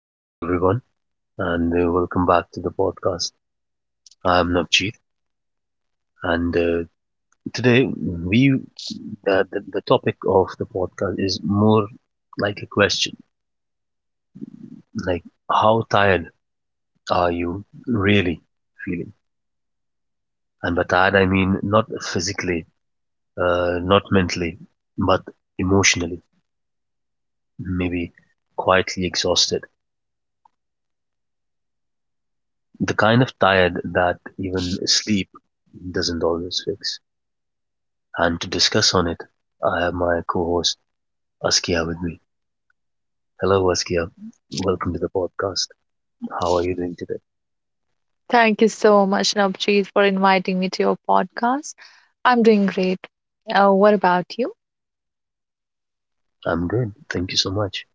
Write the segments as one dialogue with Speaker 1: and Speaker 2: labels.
Speaker 1: Hello, everyone, and welcome back to the podcast. I am Navjeet, and today we the topic of the podcast is more like a question, like how tired are you really feeling? And by tired, I mean not physically, not mentally, but emotionally, maybe quietly exhausted, the kind of tired that even sleep doesn't always fix. And to discuss on it, I have my co-host. Askia with me. Hello, Askia. Welcome to the podcast. How are you doing today?
Speaker 2: Thank you so much, Navjeet, for inviting me to your podcast. I'm doing great. What about you?
Speaker 1: I'm good. Thank you so much.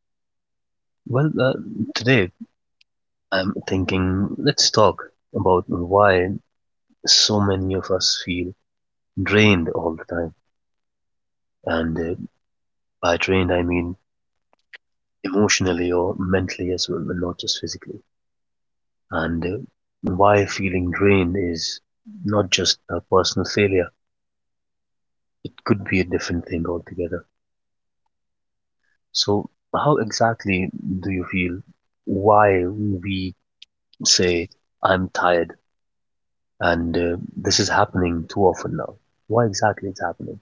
Speaker 1: Well, today I'm thinking let's talk about why so many of us feel drained all the time. And by drained, I mean emotionally or mentally as well, and not just physically. And why feeling drained is not just a personal failure, it could be a different thing altogether. So how exactly do you feel why we say I'm tired and this is happening too often now? Why exactly it's happening?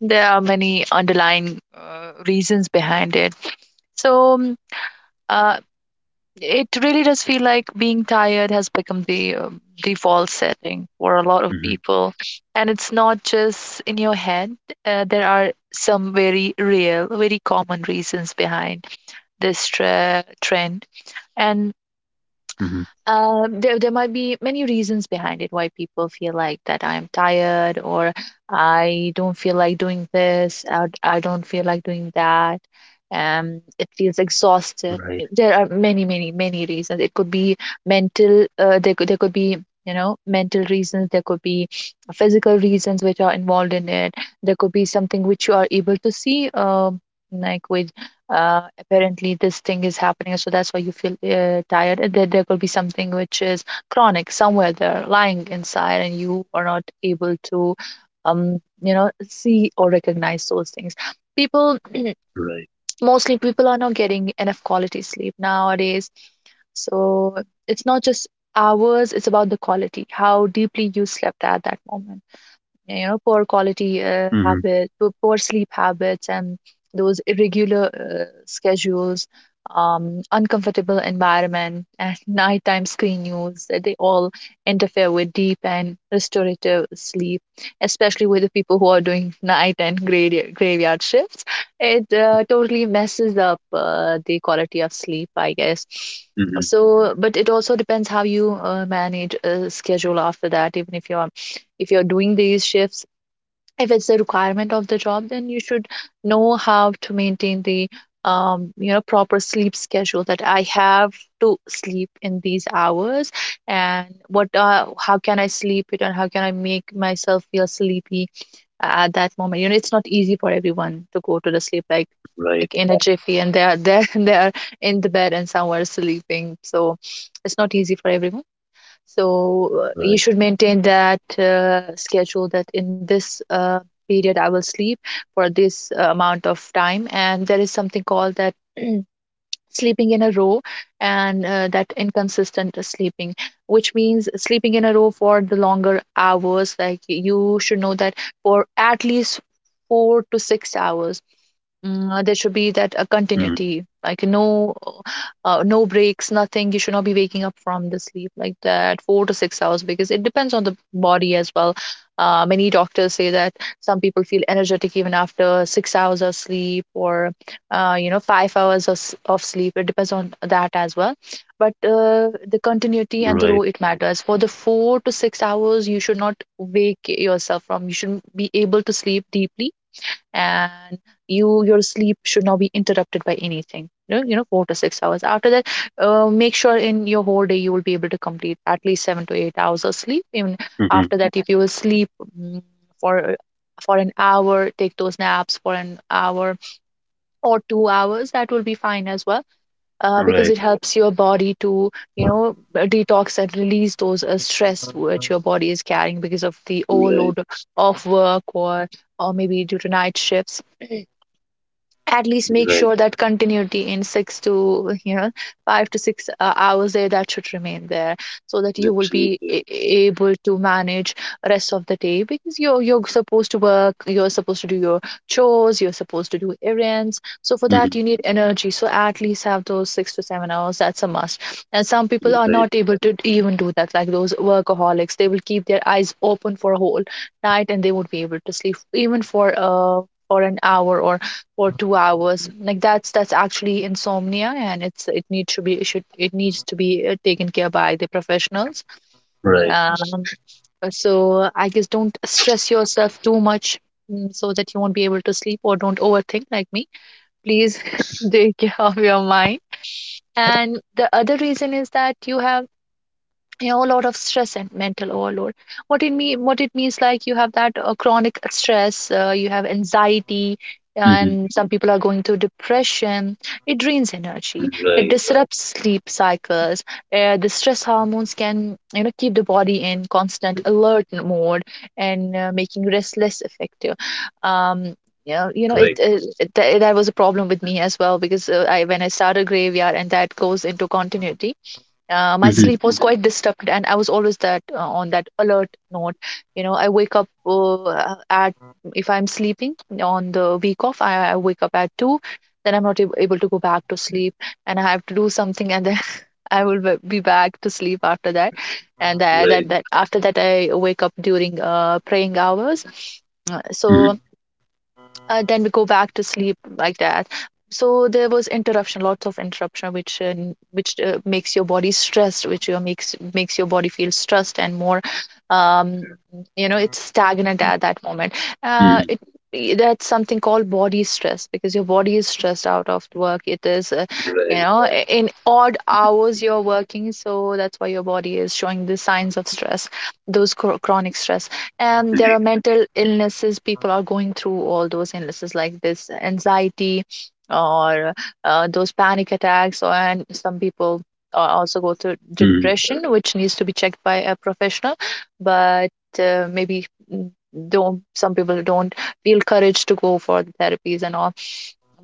Speaker 2: There are many underlying reasons behind it. So, uh, it really does feel like being tired has become the default setting for a lot of
Speaker 1: Mm-hmm.
Speaker 2: people. And it's not just in your head. There are some very real, very common reasons behind this trend. And
Speaker 1: Mm-hmm.
Speaker 2: Uh, there, there might be many reasons behind it, why people feel like that I'm tired, or I don't feel like doing this, I don't feel like doing that. It feels exhausted.
Speaker 1: Right.
Speaker 2: There are many, many, many reasons. It could be mental. There could be, you know, mental reasons. There could be physical reasons which are involved in it. There could be something which you are able to see, like with, apparently this thing is happening, so that's why you feel tired. And then there could be something which is chronic, somewhere there lying inside, and you are not able to, see or recognize those things. People
Speaker 1: Right.
Speaker 2: Mostly people are not getting enough quality sleep nowadays, so it's not just hours, it's about the quality, how deeply you slept at that moment. Poor quality,
Speaker 1: Mm-hmm.
Speaker 2: poor sleep habits, and those irregular schedules, uncomfortable environment, and nighttime screen use, that they all interfere with deep and restorative sleep, especially with the people who are doing night and graveyard shifts. It totally messes up the quality of sleep, I guess.
Speaker 1: Mm-hmm.
Speaker 2: So, but it also depends how you manage a schedule after that, even if you're doing these shifts. If it's a requirement of the job, then you should know how to maintain the, proper sleep schedule, that I have to sleep in these hours, and what, how can I sleep it, and how can I make myself feel sleepy at that moment. It's not easy for everyone to go to the sleep, like,
Speaker 1: Right.
Speaker 2: in a jiffy, and they are there, and they are in the bed and somewhere sleeping. So it's not easy for everyone. So you
Speaker 1: Right.
Speaker 2: should maintain that schedule, that in this period I will sleep for this amount of time. And there is something called that. Sleeping in a row, and that inconsistent sleeping, which means sleeping in a row for the longer hours. Like, you should know that for at least 4 to 6 hours. Mm, there should be that a
Speaker 1: Mm-hmm.
Speaker 2: continuity, like, no, no breaks, nothing. You should not be waking up from the sleep like that, 4 to 6 hours, because it depends on the body as well. Many doctors say that some people feel energetic even after 6 hours of sleep, or 5 hours of, of sleep. It depends on that as well. But the continuity and the row,
Speaker 1: Right.
Speaker 2: it matters for the 4 to 6 hours. You should not wake yourself from, you should be able to sleep deeply, and you, your sleep should not be interrupted by anything, you know, 4 to 6 hours. After that, make sure in your whole day you will be able to complete at least 7 to 8 hours of sleep. Even
Speaker 1: Mm-hmm.
Speaker 2: after that, if you will sleep, mm, for an hour, take those naps for an hour or 2 hours, that will be fine as well. Because
Speaker 1: Right.
Speaker 2: it helps your body to, detox and release those stress which your body is carrying because of the
Speaker 1: Right.
Speaker 2: overload of work, or maybe due to night shifts. At least make
Speaker 1: Right.
Speaker 2: sure that continuity in six to, you know, five to six hours there, that should remain there, so that you will be
Speaker 1: Absolutely.
Speaker 2: able to manage rest of the day, because you're supposed to work, you're supposed to do your chores, you're supposed to do errands. So for that
Speaker 1: Mm-hmm.
Speaker 2: you need energy, so at least have those 6 to 7 hours. That's a must. And some people are
Speaker 1: Right.
Speaker 2: not able to even do that, like those workaholics. They will keep their eyes open for a whole night, and they won't be able to sleep even for an hour or for 2 hours. Like, that's actually insomnia, and it needs to be taken care by the professionals.
Speaker 1: Right.
Speaker 2: um, so I guess don't stress yourself too much, so that you won't be able to sleep, or don't overthink like me, please. Take care of your mind. And the other reason is that you have, you know, a lot of stress and mental overload. What it means, like, you have that chronic stress, you have anxiety,
Speaker 1: Mm-hmm.
Speaker 2: and some people are going through depression. It drains energy, it, right,
Speaker 1: Right.
Speaker 2: disrupts sleep cycles. The stress hormones can, you know, keep the body in constant alert mode, and making rest less effective. um it,
Speaker 1: Right.
Speaker 2: it, it that that was a problem with me as well, because I when I started graveyard and that goes into continuity, my
Speaker 1: Mm-hmm.
Speaker 2: sleep was quite disturbed, and I was always that, on that alert note. I wake up at If I'm sleeping on the week off, I wake up at 2, then I'm not able to go back to sleep, and I have to do something, and then I will be back to sleep after that. And that, that,
Speaker 1: Right.
Speaker 2: that after that, I wake up during praying hours. Uh, so
Speaker 1: Mm-hmm.
Speaker 2: then we go back to sleep like that. So there was interruption, lots of interruption, which which makes your body stressed, which makes your body feel stressed, and more. um it's stagnant at that moment. uh
Speaker 1: Mm-hmm.
Speaker 2: it that's something called body stress, because your body is stressed out of work. It is,
Speaker 1: Right.
Speaker 2: in odd hours you're working, so that's why your body is showing the signs of stress. Those chronic stress. There are
Speaker 1: Indeed.
Speaker 2: mental illnesses people are going through, all those illnesses, like this anxiety, or those panic attacks, or and some people also go through
Speaker 1: Mm-hmm.
Speaker 2: depression, which needs to be checked by a professional. But uh, maybe mm, don't some people don't feel courage to go for the therapies and all.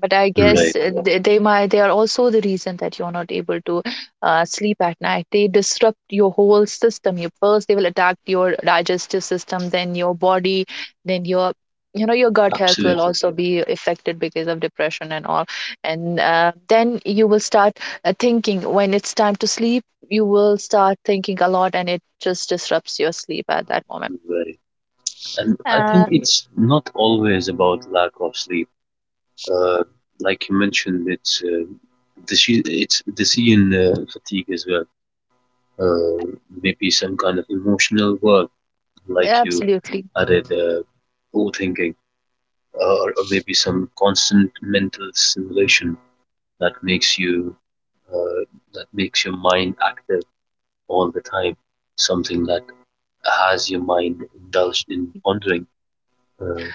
Speaker 2: But I guess,
Speaker 1: Right.
Speaker 2: yeah, they are also the reason that you're not able to sleep at night. They disrupt your whole system. You First they will attack your digestive system, then your body, then your you know your gut health will
Speaker 1: Absolutely.
Speaker 2: also be affected because of depression and all. And then you will start thinking when it's time to sleep. You will start thinking a lot, and it just disrupts your sleep at that moment.
Speaker 1: Right. And I think
Speaker 2: Uh,
Speaker 1: it's not always about lack of sleep. Uh, like you mentioned, it's decision fatigue as well. Uh, maybe some kind of emotional work, like you
Speaker 2: Absolutely,
Speaker 1: added overthinking, or maybe some constant mental stimulation that makes you uh, that makes your mind active all the time. Something that has your mind indulged in pondering. Uh,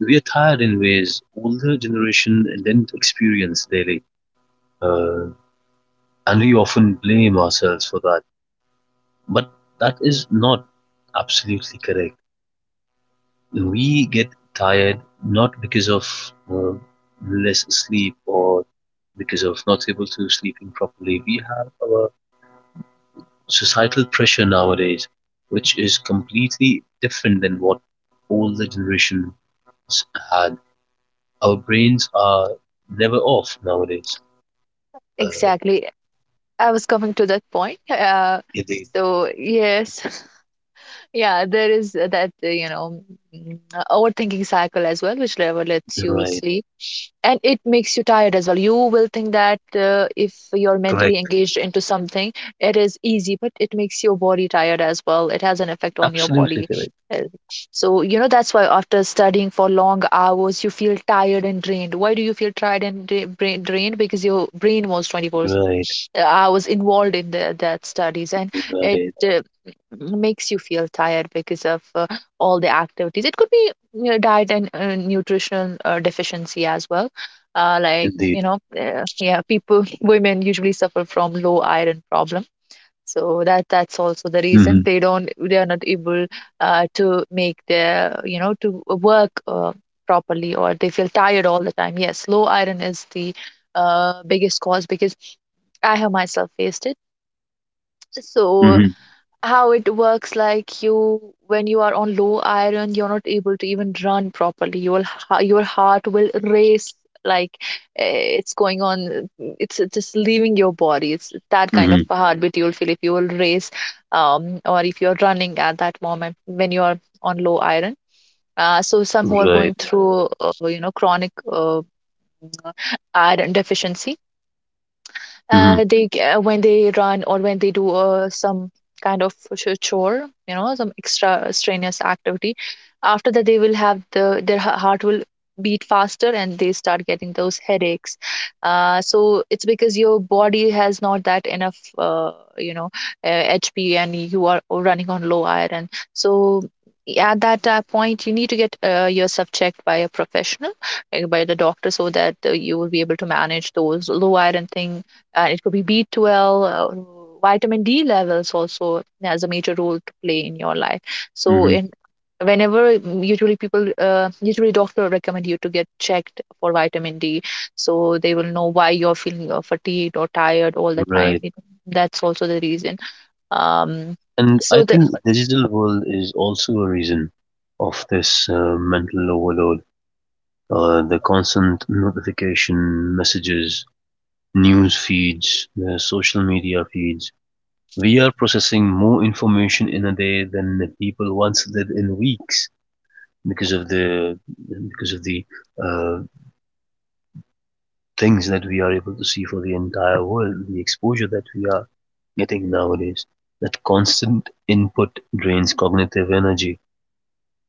Speaker 1: we are tired in ways older generation didn't experience daily, uh, and we often blame ourselves for that. But that is not absolutely correct. We get tired not because of less sleep or because of not able to sleeping properly. We have our societal pressure nowadays, which is completely different than what older generations had. Our brains are never off nowadays. Uh,
Speaker 2: exactly. I was coming to that point.
Speaker 1: Indeed.
Speaker 2: So yes, yeah, there is that overthinking cycle as well, which never lets you
Speaker 1: Right.
Speaker 2: sleep, and it makes you tired as well. You will think that, if you're mentally
Speaker 1: Correct.
Speaker 2: engaged into something, it is easy, but it makes your body tired as well, it has an effect on your
Speaker 1: Absolutely
Speaker 2: body.
Speaker 1: correct.
Speaker 2: Uh, so, that's why after studying for long hours you feel tired and drained. Why do you feel tired and drained? Because your brain was 24
Speaker 1: Right.
Speaker 2: hours involved in that studies, and it
Speaker 1: Right.
Speaker 2: makes you feel tired because of all the activities. It could be, you know, diet and nutritional deficiency as well. Like,
Speaker 1: Indeed.
Speaker 2: yeah, people women usually suffer from low iron problem. So, that's also the
Speaker 1: Mm-hmm.
Speaker 2: reason, they are not able to make their, to work properly, or they feel tired all the time. Yes, low iron is the biggest cause, because I have myself faced it. So
Speaker 1: Mm-hmm.
Speaker 2: how it works, like, you when you are on low iron you're not able to even run properly, your your heart will race, like it's going on, it's just leaving your body, it's that kind of
Speaker 1: Mm-hmm.
Speaker 2: a heartbeat you'll feel if you will race, or if you're running at that moment when you're on low iron. So some who are going
Speaker 1: Right.
Speaker 2: through you know, chronic iron deficiency,
Speaker 1: Mm-hmm.
Speaker 2: when they run or when they do some kind of chore, you know, some extra strenuous activity, after that they will have the, their heart will beat faster and they start getting those headaches. So it's because your body has not that enough, you know hp, and you are running on low iron. So at that point you need to get yourself checked by a professional, like by the doctor, so that you will be able to manage those low iron thing. And it could be B12. Vitamin d levels also has a major role to play in your life. so
Speaker 1: Mm-hmm.
Speaker 2: in whenever usually people, usually doctor recommend you to get checked for vitamin d, so they will know why you're feeling fatigued or tired all the time.
Speaker 1: Right.
Speaker 2: That's also the reason. Um
Speaker 1: And I
Speaker 2: so the
Speaker 1: think digital world is also a reason of this mental overload. The constant notification messages, news feeds, social media feeds. We are processing more information in a day than the people once did in weeks because of the because of the uh, things that we are able to see for the entire world, the exposure that we are getting nowadays, that constant input drains cognitive energy.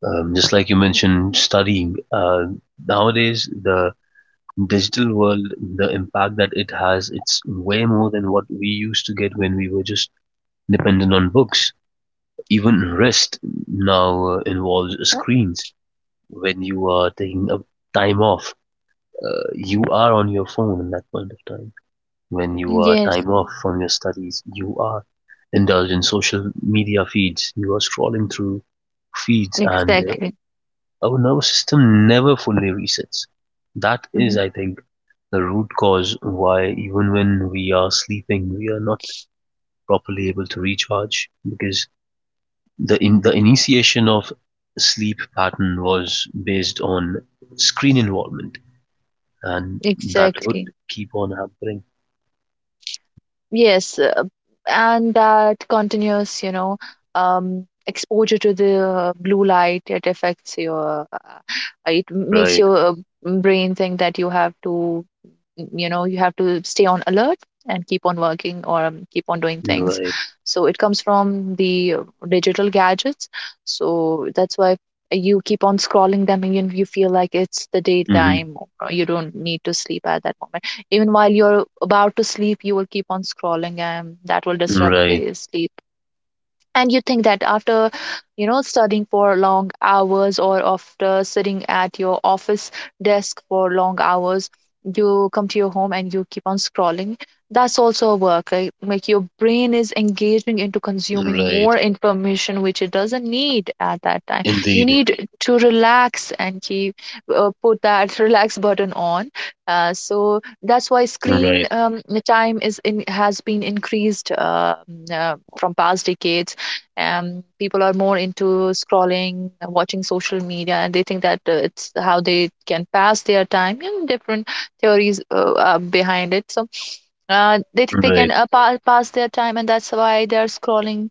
Speaker 1: Just like you mentioned, studying. Nowadays, the digital world, the impact that it has, it's way more than what we used to get when we were just dependent on books. Even rest now involves screens. When you are taking a time off, you are on your phone at that point of time. When you are
Speaker 2: Yes,
Speaker 1: time off from your studies, you are indulged in social media feeds. You are scrolling through feeds, and
Speaker 2: exactly.
Speaker 1: uh, our nervous system never fully resets. That is,
Speaker 2: Mhm.
Speaker 1: I think, the root cause why even when we are sleeping, we are not properly able to recharge because the initiation of sleep pattern was based on screen involvement, and that would
Speaker 2: Exactly.
Speaker 1: keep on happening.
Speaker 2: Yes, and that continuous, you know, exposure to the blue light, it affects your, it makes
Speaker 1: Right.
Speaker 2: your brain think that you have to, you know, you have to stay on alert and keep on working, or keep on doing things.
Speaker 1: Right.
Speaker 2: So it comes from the digital gadgets. So that's why you keep on scrolling them and you, feel like it's the
Speaker 1: Hmm.
Speaker 2: daytime or you don't need to sleep at that moment. Even while you're about to sleep you will keep on scrolling, and that will disrupt
Speaker 1: Right.
Speaker 2: the sleep. And you think that after, you know, studying for long hours, or after sitting at your office desk for long hours, you come to your home and you keep on scrolling. That's also a work, right? Like, your brain is engaging into consuming
Speaker 1: Right.
Speaker 2: more information which it doesn't need at that time. You
Speaker 1: Indeed.
Speaker 2: need to relax and keep, put that relax button on. So that's why
Speaker 1: Right.
Speaker 2: screen time is, in has been increased from past decades. People are more into scrolling and watching social media, and they think that it's how they can pass their time, and different theories are behind it. They think they
Speaker 1: Right.
Speaker 2: can, pass their time, and that's why they are scrolling.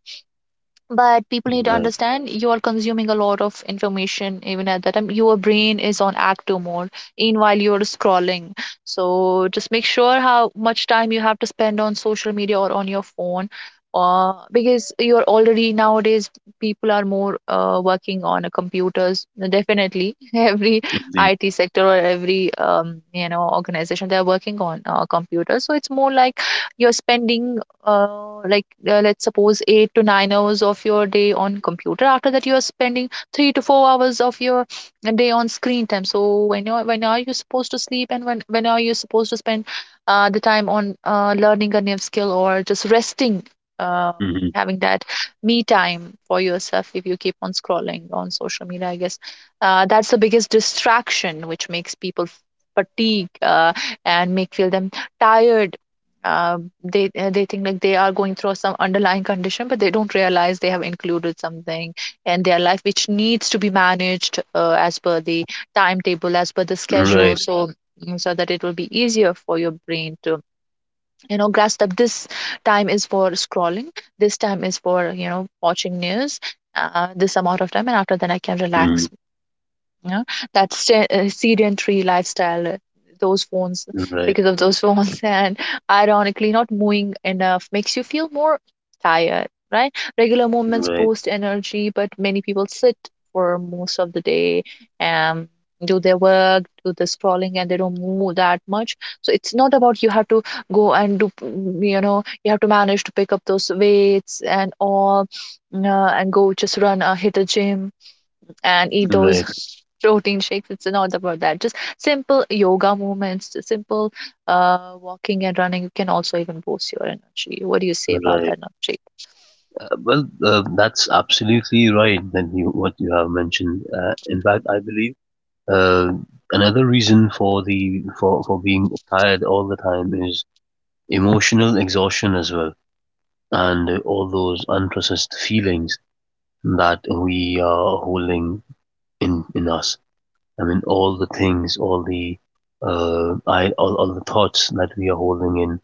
Speaker 2: But people need to
Speaker 1: Right.
Speaker 2: understand, you are consuming a lot of information. Even at that time your brain is on active mode, in while you're scrolling. So just make sure how much time you have to spend on social media or on your phone, because you're already, nowadays, people are more working on a computers, definitely. Every
Speaker 1: Indeed.
Speaker 2: it sector or every, organization, they're working on computers. So it's more like you're spending, let's suppose 8 to 9 hours of your day on computer. After that you are spending 3 to 4 hours of your day on screen time. So when you, when are you supposed to sleep, and when are you supposed to spend the time on learning a new skill, or just resting, um,
Speaker 1: Hmm.
Speaker 2: having that me time for yourself? If you keep on scrolling on social media, I guess that's the biggest distraction which makes people fatigue, and make feel them tired. They think like they are going through some underlying condition, but they don't realize they have included something in their life which needs to be managed, as per the timetable, as per the schedule.
Speaker 1: Right.
Speaker 2: So that it will be easier for your brain to, you know, grasp that this time is for scrolling, this time is for, you know, watching news, this amount of time, and after that I can
Speaker 1: Hmm.
Speaker 2: relax. Yeah, that, sedentary lifestyle, those phones,
Speaker 1: Right.
Speaker 2: because of those phones, and ironically, not moving enough makes you feel more tired, right? Regular movements
Speaker 1: Right.
Speaker 2: boost energy, but many people sit for most of the day and do their work, do the scrolling, and they don't move that much. So it's not about you have to go and do, you know, you have to manage to pick up those weights and all, uh, and go just run, hit a gym and eat those
Speaker 1: Right.
Speaker 2: protein shakes. It's not about that. Just simple yoga movements, simple walking and running can also even boost your energy. What do you say about
Speaker 1: Right.
Speaker 2: that, Navjeet?
Speaker 1: Well, that's absolutely right. Then you what you have mentioned. In fact, I believe uh, another reason for being tired all the time is emotional exhaustion as well, and all those unprocessed feelings that we are holding in us. I mean, all the things, all the thoughts that we are holding in,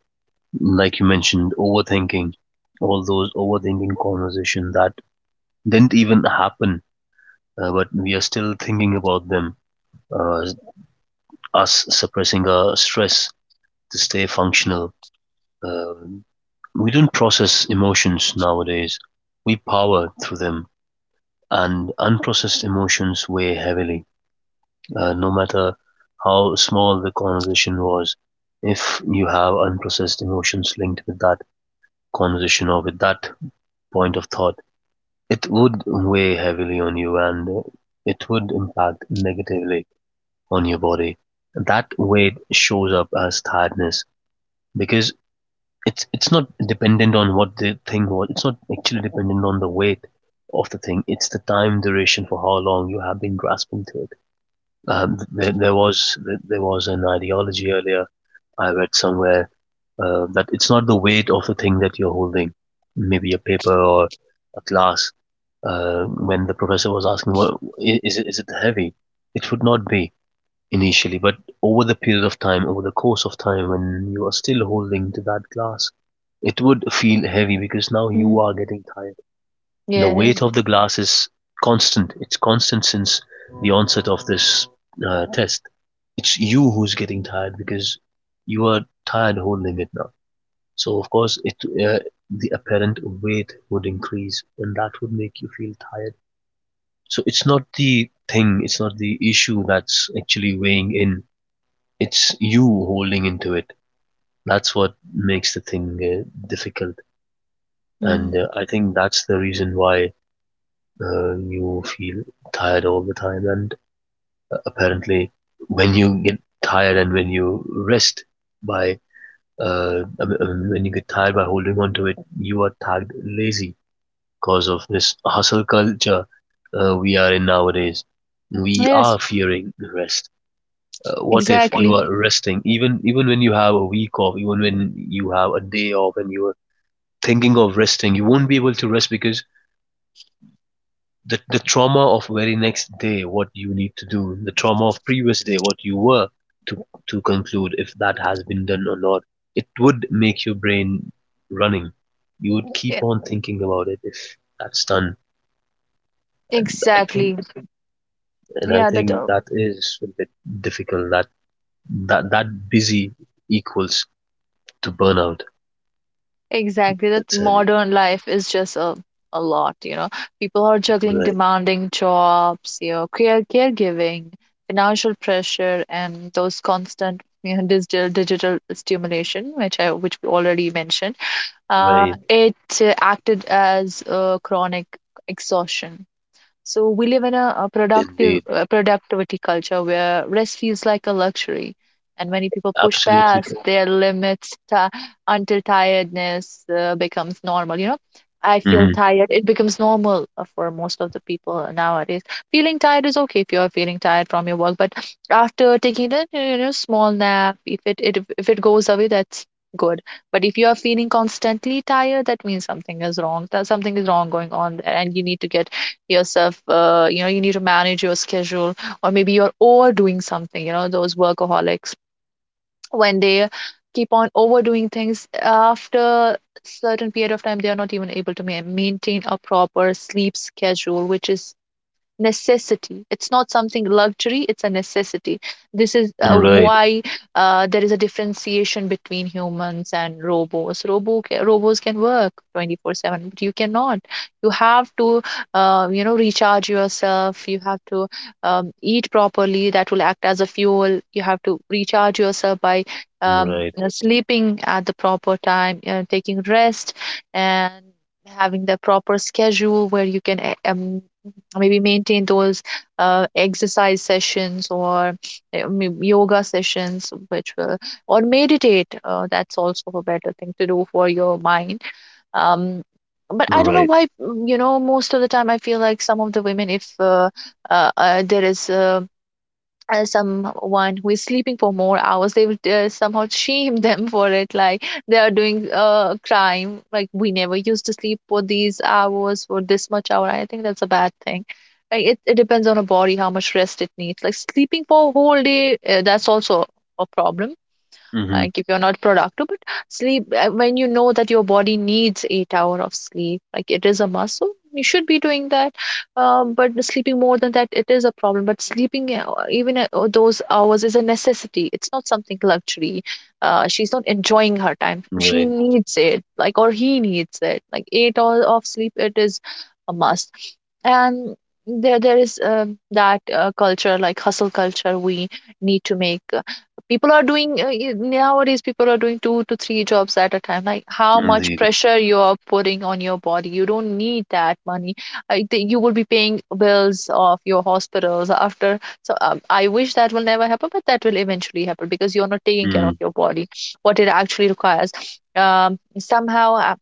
Speaker 1: like you mentioned, overthinking, all those overthinking conversation that didn't even happen, but we are still thinking about them. Uh, us suppressing our stress to stay functional. Um, we don't process emotions nowadays. We power through them, and unprocessed emotions weigh heavily, no matter how small the conversation was. If you have unprocessed emotions linked with that conversation or with that point of thought, it would weigh heavily on you, and it would impact negatively on your body. That weight shows up as tiredness because it's not dependent on what the thing was. It's not actually dependent on the weight of the thing. It's the time duration for how long you have been grasping to it. There was there was an ideology earlier I read somewhere that it's not the weight of the thing that you're holding, maybe a paper or a class. When the professor was asking, well, is it heavy? It would not be initially, but over the period of time, over the course of time, when you are still holding to that glass, it would feel heavy because now you
Speaker 2: Mm,
Speaker 1: are getting tired. The
Speaker 2: yeah.
Speaker 1: weight of the glass is constant. It's constant since the onset of this test. It's you who's getting tired because you are tired holding it now. So of course, it uh, the apparent weight would increase, and that would make you feel tired. So it's not the thing, it's not the issue that's actually weighing in. It's you holding into it. That's what makes the thing difficult, and
Speaker 2: Mm.
Speaker 1: uh, I think that's the reason why you feel tired all the time, and apparently when you get tired and when you rest by I mean, when you get tired by holding on to it, you are tagged lazy because of this hustle culture we are in nowadays. We
Speaker 2: Yes,
Speaker 1: are fearing rest, what if you
Speaker 2: exactly.
Speaker 1: are resting even even when you have a week off, even when you have a day off, and you are thinking of resting, you won't be able to rest because the trauma of very next day what you need to do, the trauma of previous day what you were to conclude if that has been done or not, it would make your brain running. You would
Speaker 2: Yeah,
Speaker 1: keep on thinking about it if that's done. I think,
Speaker 2: exactly.
Speaker 1: and i
Speaker 2: Yeah, that
Speaker 1: think that is a bit difficult, that that busy equals to burnout.
Speaker 2: exactly, that
Speaker 1: That's heavy.
Speaker 2: modern life is just a lot, you know. People are juggling
Speaker 1: Right.
Speaker 2: demanding jobs, you know, caregiving, financial pressure, and those constant, you know, digital stimulation, which I which we already mentioned. Uh,
Speaker 1: Right.
Speaker 2: it uh, acted as a chronic exhaustion. So we live in a productive
Speaker 1: Indeed.
Speaker 2: productivity culture where rest feels like a luxury, and many people push
Speaker 1: Absolutely.
Speaker 2: past their limits, ti until tiredness becomes normal. You know, I feel
Speaker 1: Mm-hmm.
Speaker 2: tired. It becomes normal for most of the people nowadays. Feeling tired is okay if you're feeling tired from your work, but after taking that, you know, small nap, if it, it if it goes away, that's good. But if you are feeling constantly tired, that means something is wrong. That something is wrong going on there, and you need to get yourself, you need to manage your schedule. Or maybe you're overdoing something, you know, those workaholics, when they keep on overdoing things, after certain period of time they are not even able to maintain a proper sleep schedule, which is necessity. It's not something luxury, it's a necessity. This is
Speaker 1: Right.
Speaker 2: why there is a differentiation between humans and robots. Robots can work 24/7, but you cannot. You have to, you know, recharge yourself. You have to, eat properly, that will act as a fuel. You have to recharge yourself by,
Speaker 1: Right.
Speaker 2: you know, sleeping at the proper time, taking rest, and having the proper schedule where you can, maybe maintain those exercise sessions, or yoga sessions which will, or meditate. That's also a better thing to do for your mind. um, but I don't know
Speaker 1: Right.
Speaker 2: why, you know, most of the time I feel like some of the women, if there is someone who is sleeping for more hours, they would somehow shame them for it, like they are doing a crime, like, we never used to sleep for these hours, for this much hour. I think that's a bad thing. Like, it depends on a body how much rest it needs. Like, sleeping for a whole day, that's also a problem,
Speaker 1: Mm-hmm.
Speaker 2: like, if you're not productive. But sleep when you know that your body needs 8 hour of sleep, like, it is a must, so you should be doing that. But sleeping more than that, it is a problem. But sleeping even at those hours is a necessity, it's not something luxury. She's not enjoying her time, she
Speaker 1: Right.
Speaker 2: needs it, like, or he needs it. Like, 8 hours of sleep, it is a must. And there is that culture, like, hustle culture, we need to make, people are doing, nowadays people are doing 2 to 3 jobs at a time. Like, how much
Speaker 1: Indeed.
Speaker 2: pressure you are putting on your body? You don't need that money. I think you will be paying bills of your hospitals after. So I wish that will never happen, but that will eventually happen because you're not taking care of
Speaker 1: Mm.
Speaker 2: your body what it actually requires. Somehow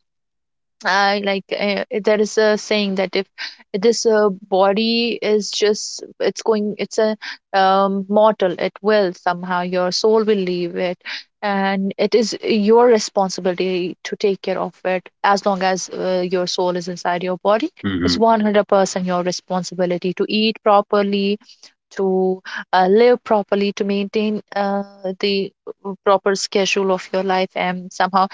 Speaker 2: I Like, there is a saying that if this body is just, it's going, it's a, mortal, it will somehow, your soul will leave it. And it is your responsibility to take care of it as long as your soul is inside your body. It's
Speaker 1: Mhm.
Speaker 2: 100% your responsibility to eat properly, to live properly, to maintain the proper schedule of your life. And somehow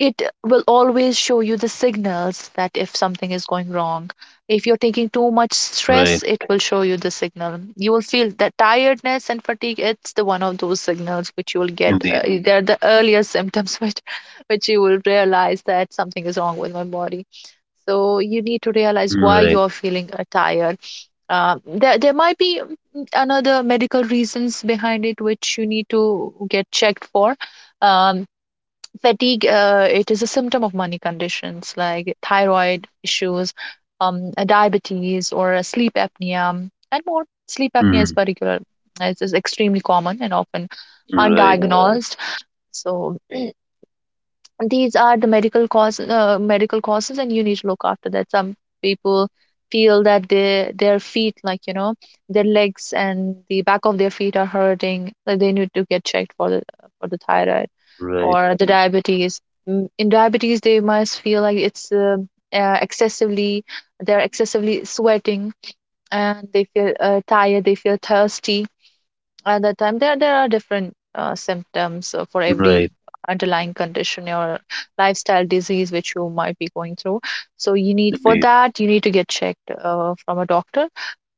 Speaker 2: it will always show you the signals, that if something is going wrong, if you're taking too much
Speaker 1: Right.
Speaker 2: stress, it will show you the signal. You will feel that tiredness and fatigue, it's the one of those signals which you will get.
Speaker 1: Indeed.
Speaker 2: They're the earlier symptoms which you will realize that something is wrong with my body. So you need to realize why
Speaker 1: Right.
Speaker 2: you're feeling tired. There might be another medical reasons behind it which you need to get checked for. um, Fatigue, it is a symptom of many conditions like thyroid issues, diabetes, or sleep apnea. And more, sleep apnea is
Speaker 1: Mhm.
Speaker 2: particular, it is extremely common and often Right.
Speaker 1: Right.
Speaker 2: undiagnosed. So these are the medical causes, and you need to look after that. Some people feel that their feet, like, you know, their legs and the back of their feet are hurting, like, they need to get checked for the, for the thyroid
Speaker 1: Right.
Speaker 2: or the diabetes. In diabetes, they must feel like it's excessively, they're excessively sweating, and they feel tired, they feel thirsty at that time. There are different symptoms for every
Speaker 1: Right.
Speaker 2: underlying condition or lifestyle disease which you might be going through. So you need for
Speaker 1: Indeed.
Speaker 2: that, you need to get checked from a doctor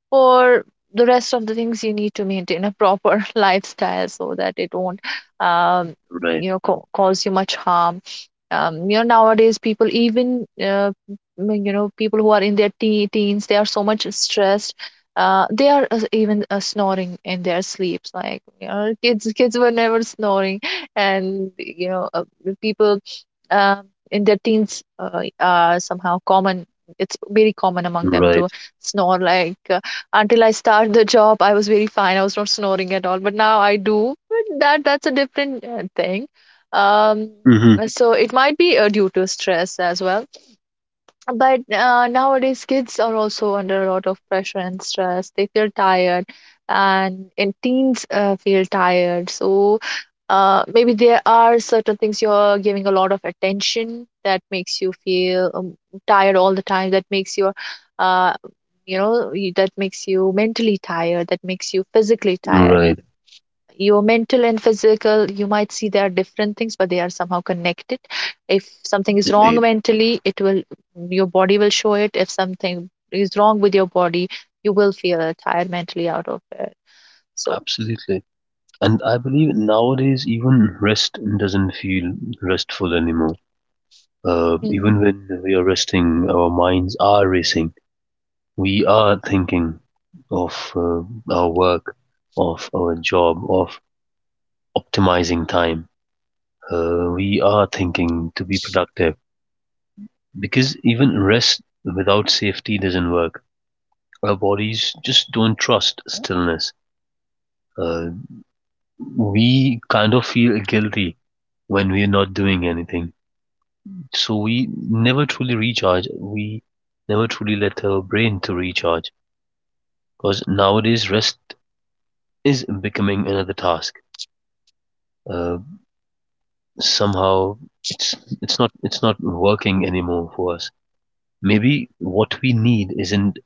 Speaker 2: for the rest of the things. You need to maintain a proper lifestyle so that it won't um,
Speaker 1: Right.
Speaker 2: cause you much harm. Um, you know nowadays people even, people who are in their teens, they are so much stressed. They are even snoring in their sleeps, like you know, kids were never snoring. And you know, the people um, in their teens are somehow common. It's very common among them to
Speaker 1: Right.
Speaker 2: snore. Like until I started the job, I was very fine. I was not snoring at all. But now I do. But that's a different thing. Um,
Speaker 1: Mhm.
Speaker 2: so it might be due to stress as well. But nowadays, kids are also under a lot of pressure and stress. They feel tired, and teens feel tired. So maybe there are certain things you're giving a lot of attention that makes you feel tired all the time. That makes uh, you, that makes you mentally tired. That makes you physically tired.
Speaker 1: Right.
Speaker 2: Your mental and physical, you might see they are different things, but they are somehow connected. If something is wrong
Speaker 1: Indeed.
Speaker 2: mentally, it will, your body will show it. If something is wrong with your body, you will feel tired mentally out of it. So
Speaker 1: Absolutely. And I believe nowadays even rest doesn't feel restful anymore.
Speaker 2: Mm.
Speaker 1: Even when we are resting, our minds are racing. We are thinking of our work, of our job, of optimizing time. We are thinking to be productive, because even rest without safety doesn't work. Our bodies just don't trust stillness. Uh, we kind of feel guilty when we're not doing anything. So we never truly recharge. We never truly let our brain to recharge, because nowadays rest is becoming another task. Uh, somehow it's it's not working anymore for us. Maybe what we need isn't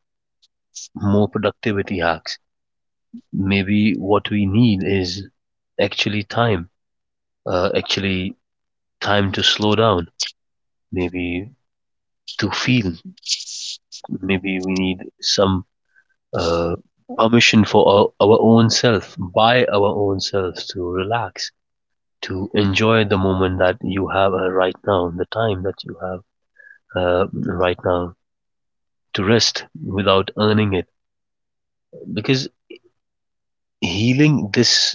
Speaker 1: more productivity hacks. Maybe what we need is actually time, actually time to slow down, maybe to feel, maybe we need some uh, permission for our own self, by our own selves to relax, to enjoy the moment that you have right now, the time that you have right now, to rest without earning it, because healing this.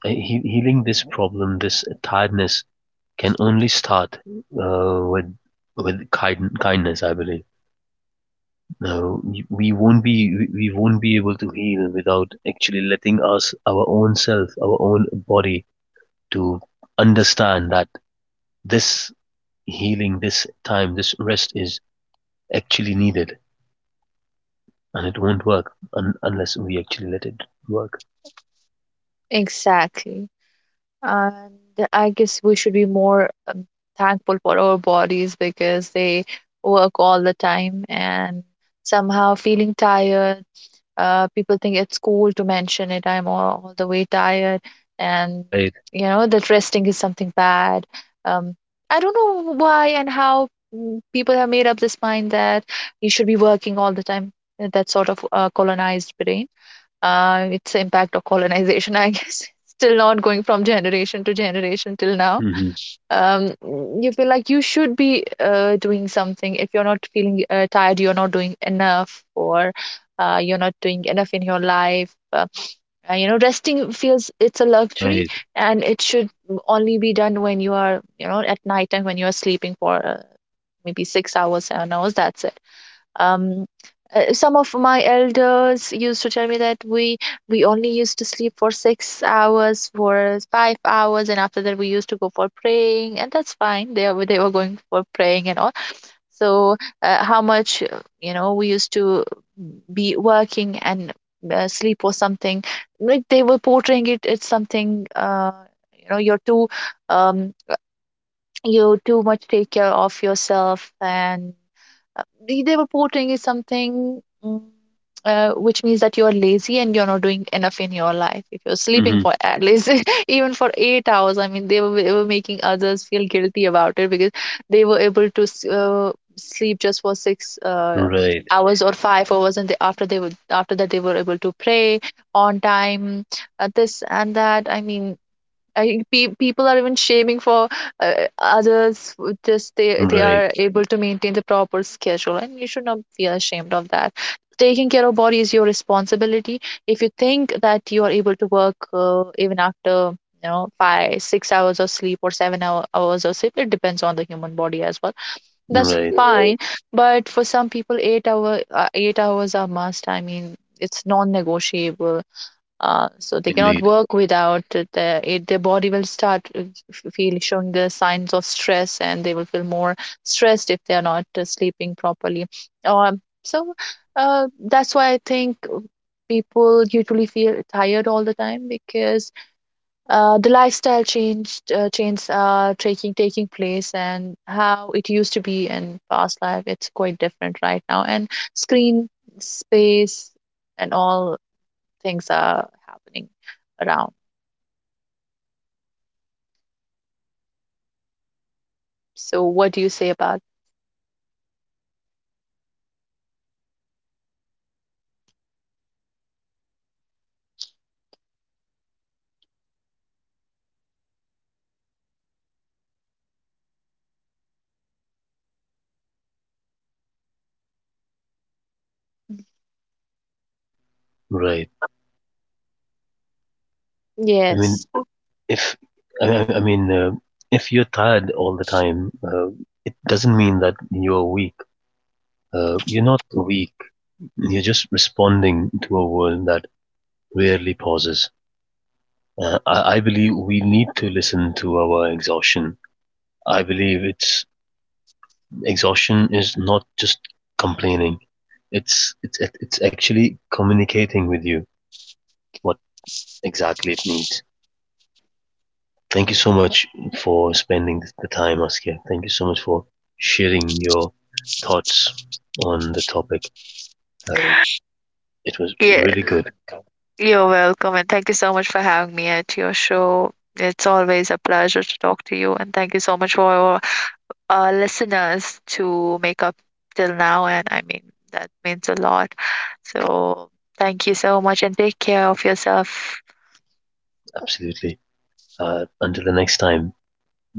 Speaker 1: healing this problem, this tiredness, can only start with kindness. I believe no, we won't be able to heal without actually letting us our own self, our own body to understand that this healing, this time, this rest is actually needed, and it won't work unless we actually let it work.
Speaker 2: Exactly. And I guess we should be more thankful for our bodies because they work all the time, and somehow feeling tired, people think it's cool to mention it. I'm all the way tired, and
Speaker 1: Right.
Speaker 2: you know that resting is something bad. Um, I don't know why and how people have made up this mind that you should be working all the time. That sort of colonized brain. It's the impact of colonization, I guess. Still not going from generation to generation till now.
Speaker 1: Hmm.
Speaker 2: You feel like you should be doing something. If you're not feeling tired, you're not doing enough, or you're not doing enough in your life. You know, resting feels it's a luxury
Speaker 1: Right.
Speaker 2: and it should only be done when you are, you know, at night time when you are sleeping for maybe 6 hours, 7 hours, that's it. um, some of my elders used to tell me that we only used to sleep for 6 hours, for 5 hours, and after that we used to go for praying, and that's fine. They were going for praying and all. So how much, we used to be working and sleep or something, like they were portraying it. It's something, you're too um you too much take care of yourself. And the reporting is something which means that you're lazy and you're not doing enough in your life. If you're sleeping
Speaker 1: Hmm.
Speaker 2: for at least even for 8 hours, I mean, they were making others feel guilty about it because they were able to sleep just for six
Speaker 1: Right.
Speaker 2: hours or 5 hours, and they, after they would after that they were able to pray on time, this and that. I mean, I people are even shaming for others with, just they
Speaker 1: Right.
Speaker 2: are able to maintain the proper schedule, and you should not feel ashamed of that. Taking care of body is your responsibility. If you think that you are able to work even after, you know, 5, 6 hours of sleep or hours of sleep, it depends on the human body as well. That's
Speaker 1: Right.
Speaker 2: fine, but for some people, 8 hours are must. I mean, it's non-negotiable, so they cannot
Speaker 1: Indeed.
Speaker 2: work without it. It, their body will start feel showing the signs of stress, and they will feel more stressed if they are not sleeping properly. So that's why I think people usually feel tired all the time because the lifestyle changed changes are taking place, and how it used to be in past life, it's quite different right now. And screen space and all things are happening around. So, what do you say about?
Speaker 1: Right. I
Speaker 2: Yes.
Speaker 1: mean, if I mean, if you're tired all the time, it doesn't mean that you're weak. You're not weak. You're just responding to a world that rarely pauses. I believe we need to listen to our exhaustion. I believe it's exhaustion is not just complaining. It's actually communicating with you what exactly it needs. Thank you so much for spending the time, Askia. Thank you so much for sharing your thoughts on the topic. Uh, it was
Speaker 2: Yeah,
Speaker 1: really good,
Speaker 2: you're welcome, and thank you so much for having me at your show. It's always a pleasure to talk to you, and thank you so much for our listeners to make up till now. And I mean, that means a lot. So, thank you so much, and take care of yourself.
Speaker 1: absolutely. Until the next time,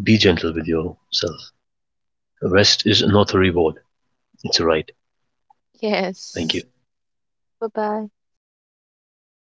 Speaker 1: be gentle with yourself. Rest is not a reward, it's a right. Thank
Speaker 2: Yes.
Speaker 1: you.
Speaker 2: Bye bye.